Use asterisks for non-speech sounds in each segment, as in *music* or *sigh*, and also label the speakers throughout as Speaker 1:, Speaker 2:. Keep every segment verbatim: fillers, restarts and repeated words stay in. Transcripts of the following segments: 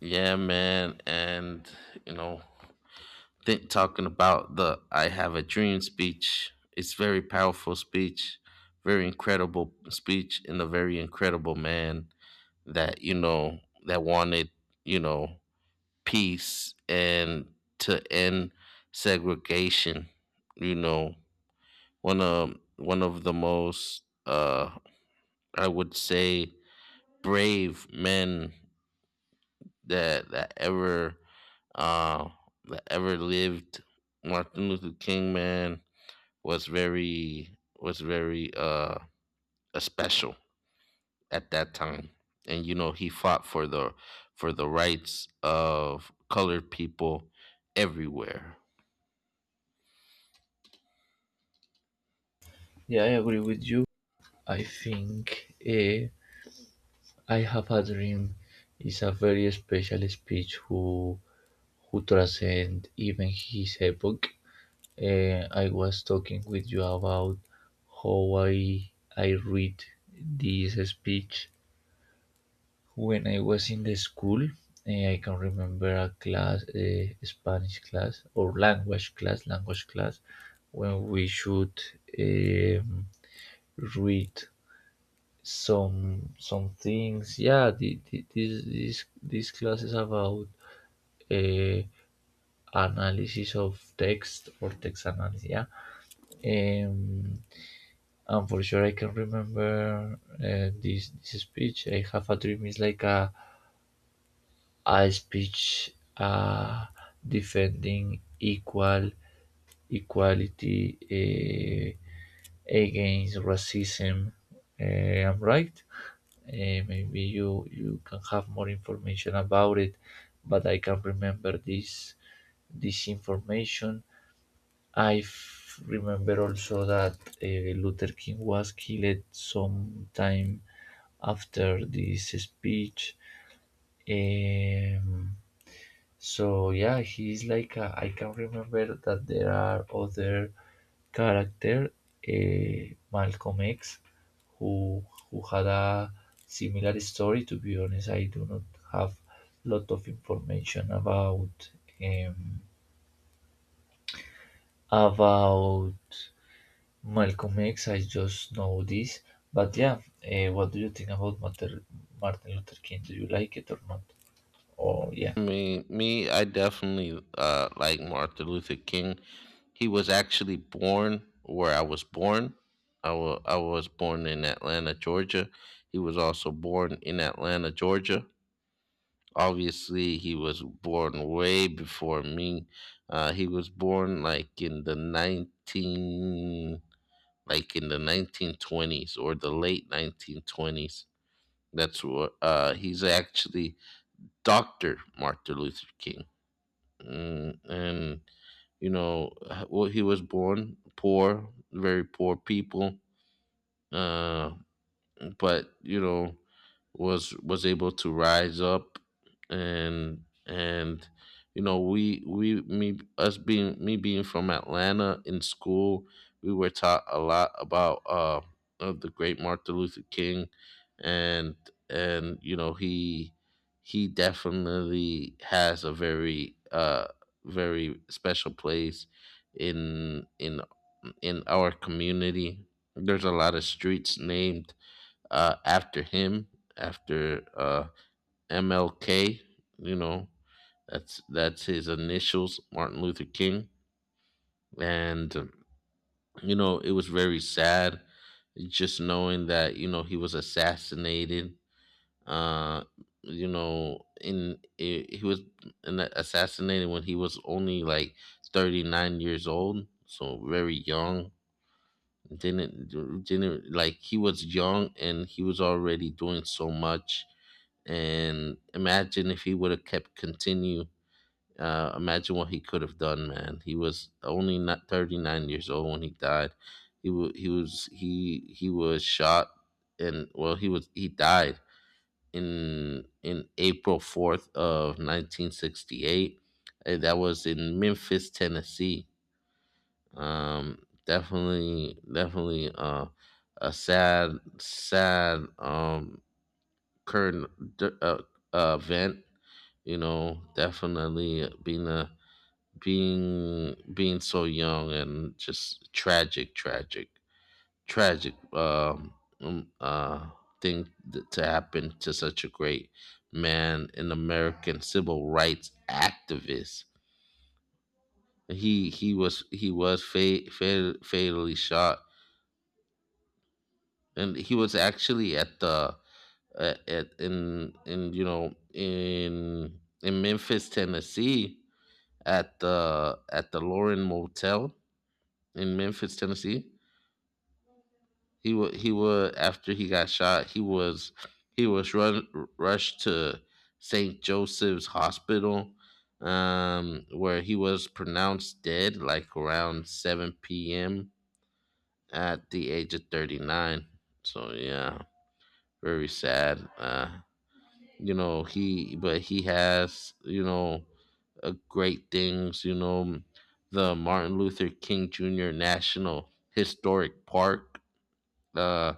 Speaker 1: Yeah, man. And, you know, think talking about the I Have a Dream speech, it's very powerful speech, very incredible speech, and a very incredible man that, you know, that wanted, you know, peace and to end segregation. You know, one of one of the most uh I would say brave men that that ever uh, that ever lived. Martin Luther King man was very was very uh special at that time, and you know he fought for the for the rights of colored people everywhere.
Speaker 2: Yeah, I agree with you. I think eh, I Have a Dream is a very special speech who who transcend even his epoch. Eh, I was talking with you about how I I read this speech when I was in the school. Eh, I can remember a class, a Spanish class or language class, language class, when we should um, read some some things. Yeah, the, the, this this this class is about uh, analysis of text or text analysis. Yeah, um, and for sure I can remember uh, this this speech. I have a dream is like a a speech uh, defending equal equality uh, against racism. Uh, I'm right. Uh, maybe you you can have more information about it, but I can remember this this information. I f- remember also that uh, Luther King was killed sometime after this speech. Um, so yeah, he's like a, I can remember that there are other character, uh, Malcolm X, who who had a similar story. To be honest, I do not have lot of information about um, about Malcolm X. I just know this. But yeah, uh, what do you think about Mater- Martin Luther King? Do you like it or not? Oh yeah,
Speaker 1: Me, me, I definitely uh, like Martin Luther King. He was actually born where I was born. I wa- I was born in Atlanta, Georgia. He was also born in Atlanta, Georgia. Obviously, he was born way before me. Uh, he was born like in the nineteen, like in the nineteen twenties or the late nineteen twenties. That's what uh, he's actually Doctor Martin Luther King. Mm, and you know, h- well, he was born poor, very poor people. Uh, but you know was was able to rise up and and you know we we me us being me being from Atlanta in school we were taught a lot about uh of the great Martin Luther King and and you know he he definitely has a very uh very special place in in in our community. There's a lot of streets named uh, after him, after uh, M L K. You know, that's that's his initials, Martin Luther King. And um, you know, it was very sad just knowing that you know he was assassinated. Uh, you know, in I he was in assassinated when he was only like thirty nine years old, so very young. Didn't didn't like he was young and he was already doing so much, and imagine if he would have kept continue. Uh imagine what he could have done, man. He was only not thirty nine years old when he died. He was he was he he was shot, and well he was he died in in april fourth of nineteen sixty-eight, and that was in memphis tennessee. Um, definitely definitely uh a sad sad um current d- uh, uh, event, you know. Definitely being a being being so young, and just tragic tragic tragic um um, uh thing th- to happen to such a great man, an american civil rights activist. He he was he was fa- fa- fatally shot, and he was actually at the uh, at in in you know, in in memphis tennessee at the at the Lauren Motel in Memphis, Tennessee. He wa he was, after he got shot, he was he was run rushed to saint Joseph's Hospital, um, where he was pronounced dead like around seven p m at the age of thirty nine. So yeah, very sad. Uh, you know he, but he has, you know, uh, great things. You know, the Martin Luther King Junior National Historic Park uh,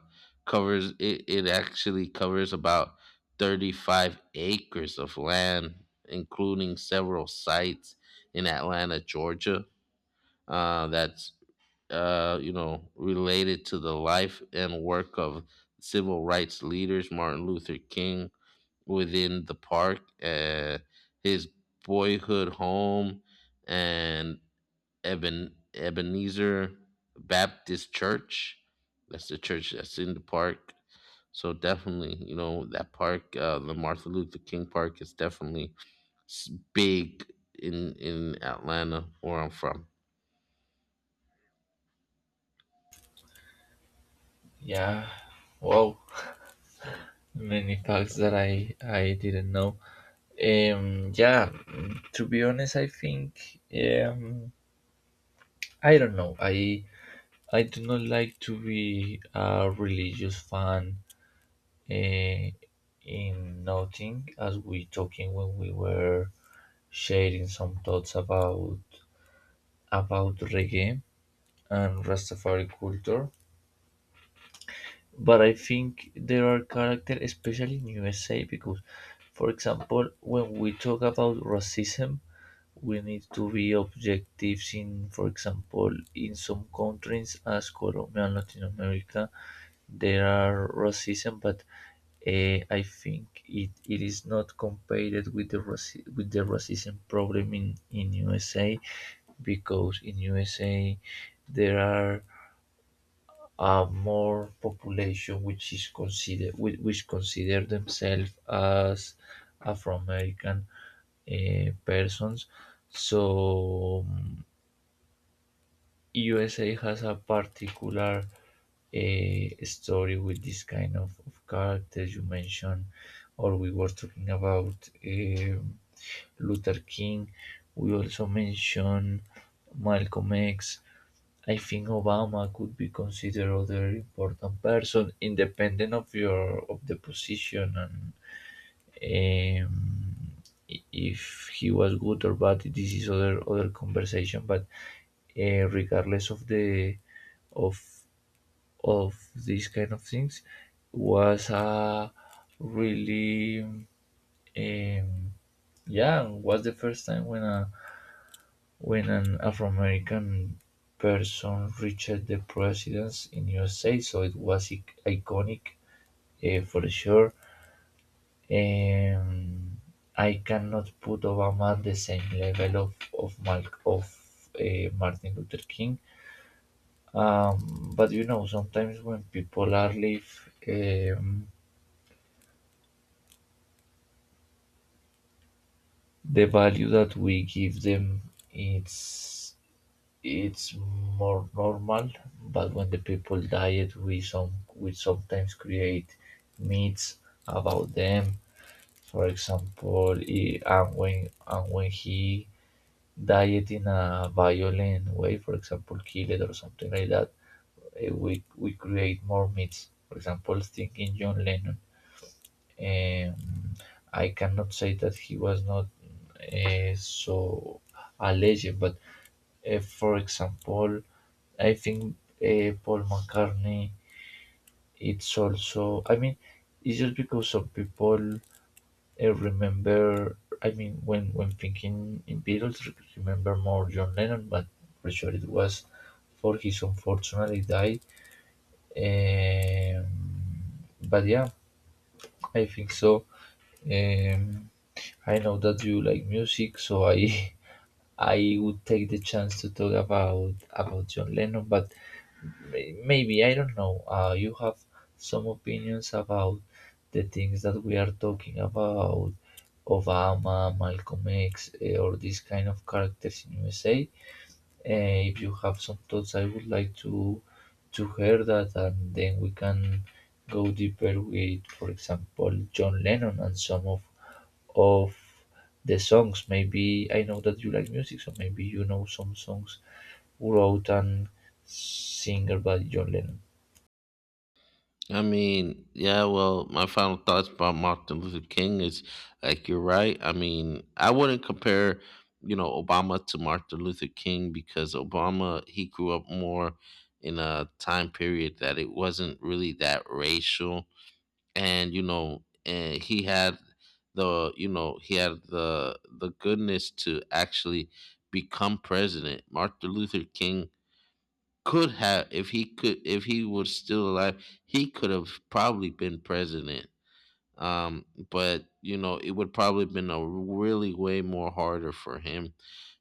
Speaker 1: covers it. It actually covers about thirty-five acres of land, including several sites in Atlanta, Georgia. Uh, that's uh, you know, related to the life and work of civil rights leaders Martin Luther King. Within the park, uh, his boyhood home, and Eben, Ebenezer Baptist Church. That's the church that's in the park. So definitely, you know, that park, uh, the Martin Luther King Park, is definitely s- big in in Atlanta, where I'm from.
Speaker 2: yeah. Wow, many facts that I I didn't know. Um, yeah, mm, to be honest, I think um, I don't know. I I do not like to be a religious fan uh, in nothing, as we talking when we were sharing some thoughts about about reggae and Rastafari culture. But I think there are characters, especially in U S A, because, for example, when we talk about racism, we need to be objective in, for example, in some countries as Colombia and Latin America, there are racism, but uh, I think it, it is not compared with the raci- with the racism problem in, in U S A because in U S A there are uh, more population which is consider which, which consider themselves as Afro American uh, persons. So U S A has a particular uh, story with this kind of, of characters you mentioned, or we were talking about um Luther King. We also mentioned Malcolm X. I think Obama could be considered other important person, independent of your of the position and um, i- if he was good or bad. This is other other conversation, but uh, regardless of the of of these kind of things was a really um, yeah, was the first time when a when an Afro American person reached the presidency in U S A. So it was ic- iconic uh, for sure. Um, I cannot put Obama at the same level of of Mal- of uh, Martin Luther King. Um, but you know, sometimes when people are live, um, the value that we give them, it's it's more normal. But when the people diet, we some we sometimes create myths about them. For example, i- and when and when he diet in a violent way, for example, kill it or something like that, eh, we we create more myths. For example, thinking John Lennon. Um, I cannot say that he was not uh, so a legend, but uh, for example, I think uh, Paul McCartney. It's also, I mean, it's just because some people uh, remember. I mean, when when thinking in Beatles, re- remember more John Lennon, but for sure it was for his unfortunately die. Um, but yeah, I think so. Um, I know that you like music, so I *laughs* I would take the chance to talk about about John Lennon, but may- maybe I don't know. Uh, you have some opinions about the things that we are talking about, Obama, Malcolm X, eh, or these kind of characters in U S A. Eh, if you have some thoughts, I would like to to hear that, and then we can go deeper with, for example, John Lennon and some of of the songs. Maybe I know that you like music, so maybe you know some songs wrote and singer by John Lennon.
Speaker 1: I mean, yeah, well, my final thoughts about Martin Luther King is like you're right. I mean, I wouldn't compare, you know, Obama to Martin Luther King, because Obama, he grew up more in a time period that it wasn't really that racial, and you know, and he had the, you know, he had the the goodness to actually become president. Martin Luther King could have, if he could if he was still alive, he could have probably been president. Um, but you know, it would probably been a really way more harder for him,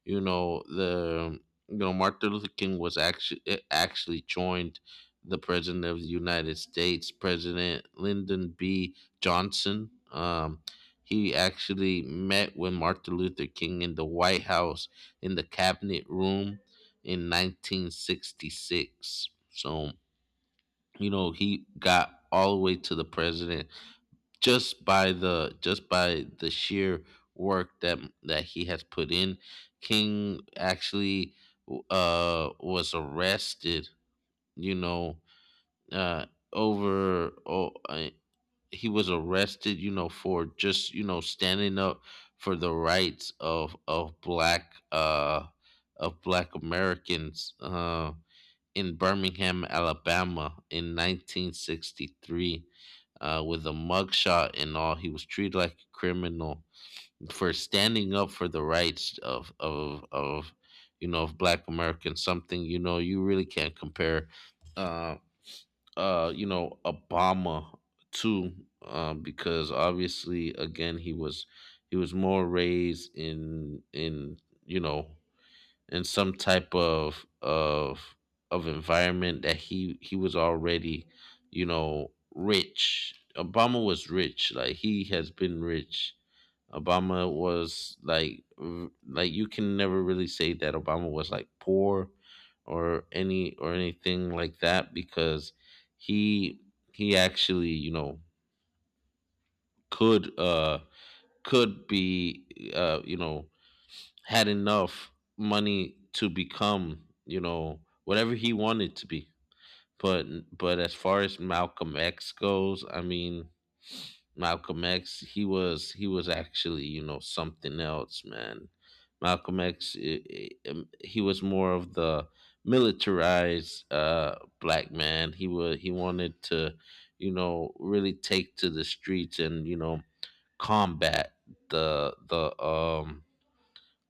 Speaker 1: you know. the you know martin luther king was actually actually joined the president of the united states, president lyndon b johnson. Um, he actually met with martin luther king in the white house in the cabinet room in nineteen sixty-six. So you know, he got all the way to the president, just by the just by the sheer work that that he has put in. King actually uh was arrested, you know, uh over oh, uh, he was arrested, you know, for just, you know, standing up for the rights of of black uh of black americans uh in Birmingham, Alabama in nineteen sixty-three, uh, with a mugshot and all. He was treated like a criminal for standing up for the rights of of of you know, of Black Americans. Something, you know, you really can't compare Uh, uh, you know, Obama to um, because obviously again he was he was more raised in in you know, in some type of of of environment that he he was already, you know, rich. Obama was rich, like he has been rich. Obama was like v- like you can never really say that Obama was like poor or any or anything like that, because he he actually, you know, could uh could be, uh you know, had enough money to become, you know, whatever he wanted to be. But but as far as Malcolm X goes, I mean, Malcolm X, he was he was actually, you know, something else, man. Malcolm X, i- i- um, he was more of the militarized uh, black man. He was he wanted to, you know, really take to the streets and you know, combat the the um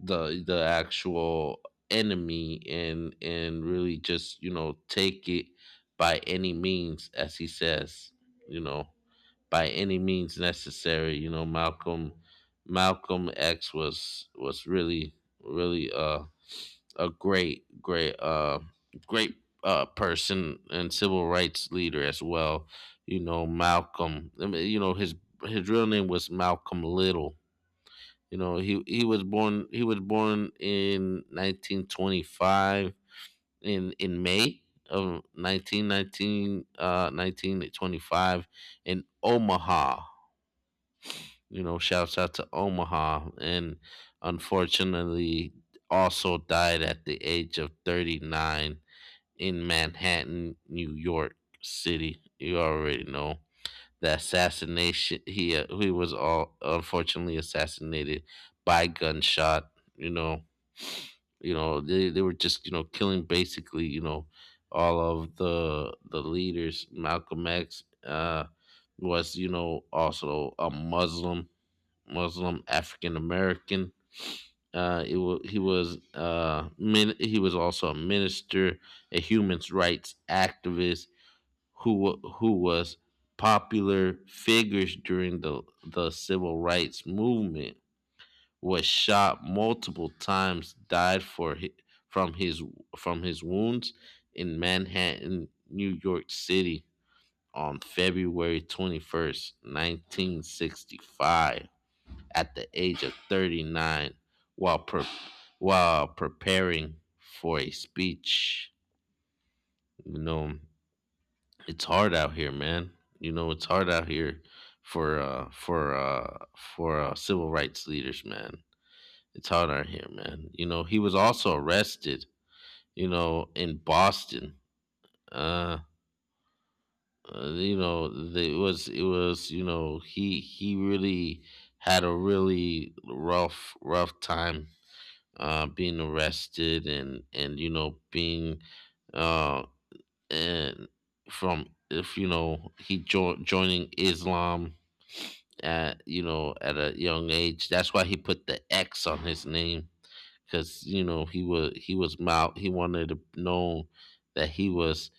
Speaker 1: the the actual enemy, and and really just, you know, take it by any means, as he says, you know, by any means necessary. You know, malcolm malcolm x was was really really uh a great great uh great uh person, and civil rights leader as well. You know, malcolm I mean, you know, his his real name was malcolm little. You know, he he was born, he was born in nineteen twenty-five in in May of nineteen nineteen uh nineteen twenty-five in Omaha. You know, shouts out to Omaha. And unfortunately also died at the age of thirty-nine in Manhattan, New York City. You already know the assassination. He uh, he was all unfortunately assassinated by gunshot. You know, you know they, they were just, you know, killing basically, you know, all of the the leaders. Malcolm X, uh was, you know, also a muslim, muslim african american. Uh it was He was uh min- he was also a minister, a human rights activist, who wa- who was popular figures during the the civil rights movement. Was shot multiple times, died for hi- from his from his wounds in Manhattan New York City on February twenty-first nineteen sixty-five at the age of thirty-nine, while pre- while preparing for a speech. You know, it's hard out here, man. You know, it's hard out here for uh for uh for uh, civil rights leaders, man. It's hard out here, man. You know, he was also arrested, you know, in Boston. Uh, uh, you know, the- it was it was, you know, he he really had a really rough rough time uh being arrested, and and you know being uh and from, if you know, he jo- joining Islam at, you know, at a young age. That's why he put the X on his name, because you know he was he was mild. He wanted to know that he was,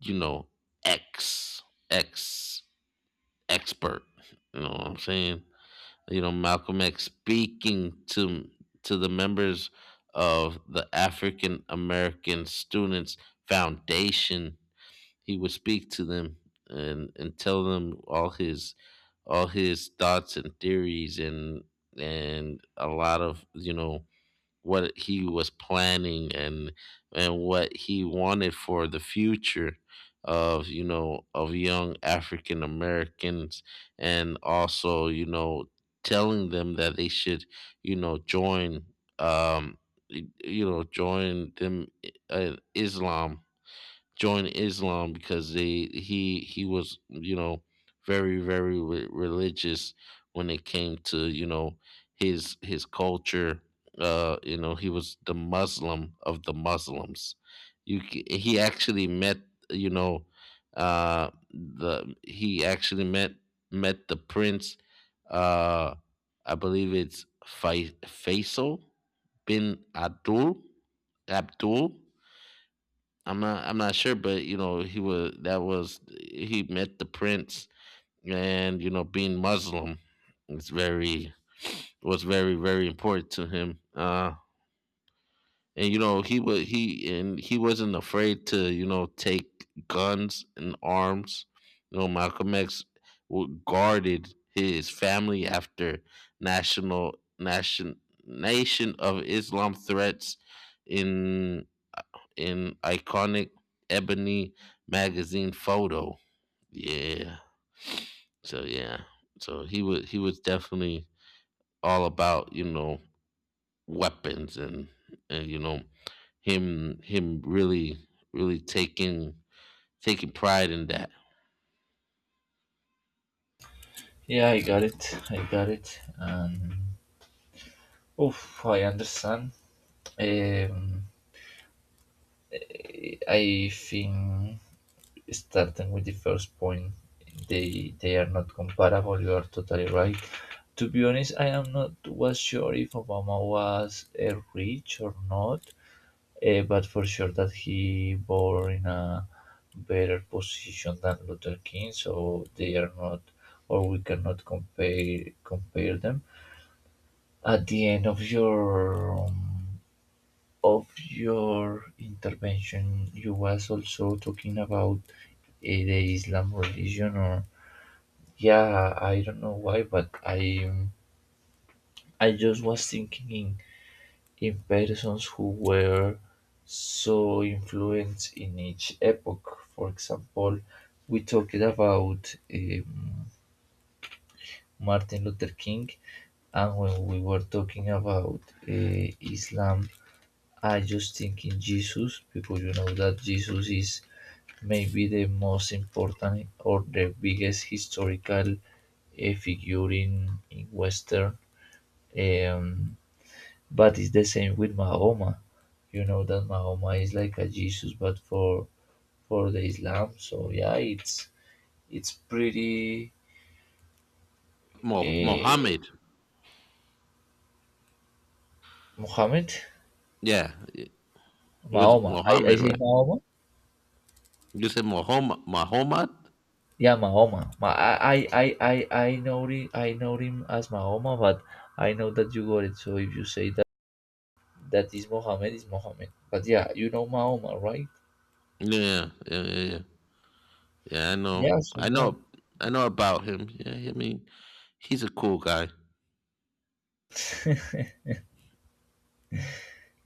Speaker 1: you know, X X expert. You know what I'm saying? You know, Malcolm X speaking to to the members of the African American Students Foundation, he would speak to them and and tell them all his all his thoughts and theories and and a lot of, you know, what he was planning, and and what he wanted for the future of, you know, of young African Americans. And also, you know, telling them that they should, you know, join, um you know, join them uh, Islam. Join Islam, because they he he was, you know, very very re- religious when it came to, you know, his his culture. Uh you know, he was the muslim of the muslims. You c- he actually met, you know, uh the he actually met met the prince. uh I believe it's Fai- faisal bin abdul abdul I'm not, I'm not sure, but you know, he was that was he met the prince. And you know, being Muslim, it's very was very, very important to him. Uh and You know, he was he and he wasn't afraid to, you know, take guns and arms. You know, Malcolm X w- guarded his family after national nation nation of Islam threats in in iconic ebony magazine photo. Yeah. So yeah. So he was, he was definitely all about, you know, weapons and and you know, him him really really taking taking pride in that.
Speaker 2: Yeah, I got it. I got it. And oof, I understand. Um, I think starting with the first point, they they are not comparable. You are totally right. To be honest, I am not was sure if Obama was uh, rich or not. Eh, but for sure that he bore in a better position than Luther King, so they are not, or we cannot compare compare them. At the end of your um, of your intervention, you was also talking about eh, the Islam religion, or yeah, I don't know why, but I I just was thinking in persons who were so influenced in each epoch. For example, we talked about um, Martin Luther King, and when we were talking about uh, Islam, I just think in Jesus because you know that Jesus is maybe the most important or the biggest historical a figure in, in Western um, but it's the same with Mahoma. You know that Mahoma is like a Jesus, but for for the Islam. So yeah, it's it's pretty
Speaker 1: Mo-
Speaker 2: uh,
Speaker 1: Mohammed.
Speaker 2: Muhammad.
Speaker 1: Yeah. It was
Speaker 2: Mahoma. I, I
Speaker 1: Mohammed,
Speaker 2: say
Speaker 1: right?
Speaker 2: Mahoma.
Speaker 1: You said Mohammed Muhammad?
Speaker 2: Yeah, Mahoma. Ma- I I I I I know him. I know him as Mahoma, but I know that you got it. So if you say that that is Mohammed, is Mohammed. But yeah, you know Mahoma, right?
Speaker 1: Yeah, yeah, yeah, yeah. Yeah, I know.
Speaker 2: Yeah. So
Speaker 1: I
Speaker 2: yeah,
Speaker 1: know I know about him. Yeah, I mean, he's a cool guy.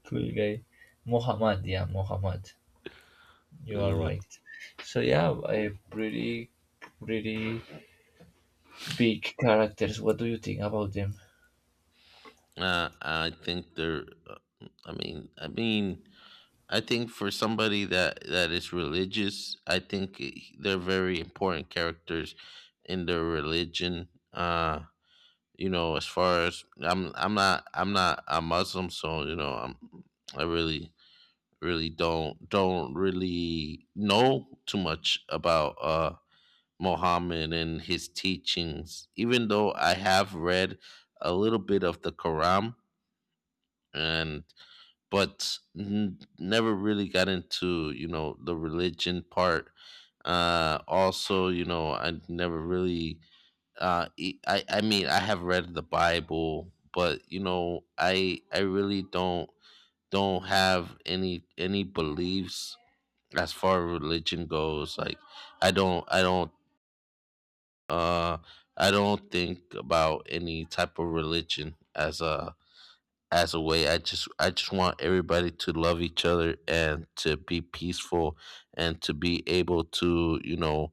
Speaker 2: cool guy. Muhammad. Yeah, Muhammad. You are
Speaker 1: Uh,
Speaker 2: right. So yeah, a pretty pretty big characters. What do you think about them?
Speaker 1: Uh, I think there. uh, I mean, I mean, I think for somebody that that is religious, I think i- they're very important characters in their religion. Uh, you know, as far as I'm, I'm not, I'm not a Muslim, so you know, I'm, I really, really don't, don't really know too much about uh Muhammad and his teachings. Even though I have read a little bit of the Quran and, but n- never really got into, you know, the religion part. Uh also, you know, I never really uh e- i I mean, I have read the bible, but you know, I i really don't don't have any any beliefs as far as religion goes. Like i don't I don't uh i don't think about any type of religion as a as a way. I just I just want everybody to love each other and to be peaceful, and to be able to, you know,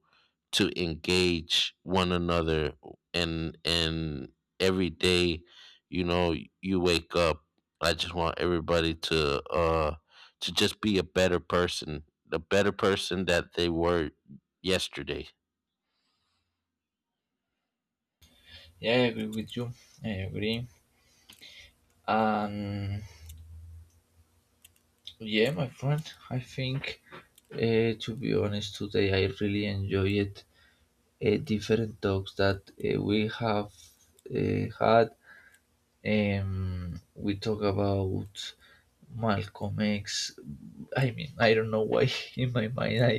Speaker 1: to engage one another, and and every day, you know, you wake up. I just want everybody to uh to just be a better person, the better person that they were yesterday.
Speaker 2: Yeah, I agree with you. I agree. Um, yeah, my friend. I think, uh, to be honest, today I really enjoyed uh, different talks that uh, we have uh, had. Um, we talk about Malcolm X. I mean, I don't know why *laughs* in my mind I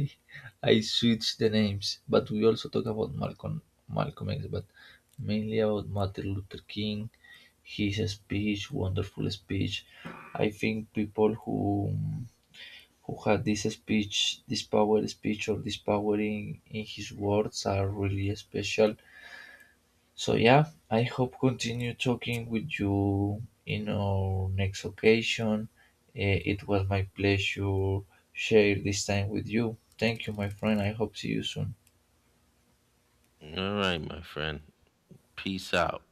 Speaker 2: I switched the names, but we also talk about Malcolm Malcolm X, but mainly about Martin Luther King, his speech, wonderful speech. I think people who who had this speech, this power speech or this power in, in his words are really special. So yeah, I hope continue talking with you in our next occasion. Eh, it was my pleasure share this time with you. Thank you, my friend. I hope see you soon.
Speaker 1: All right, my friend. Peace out.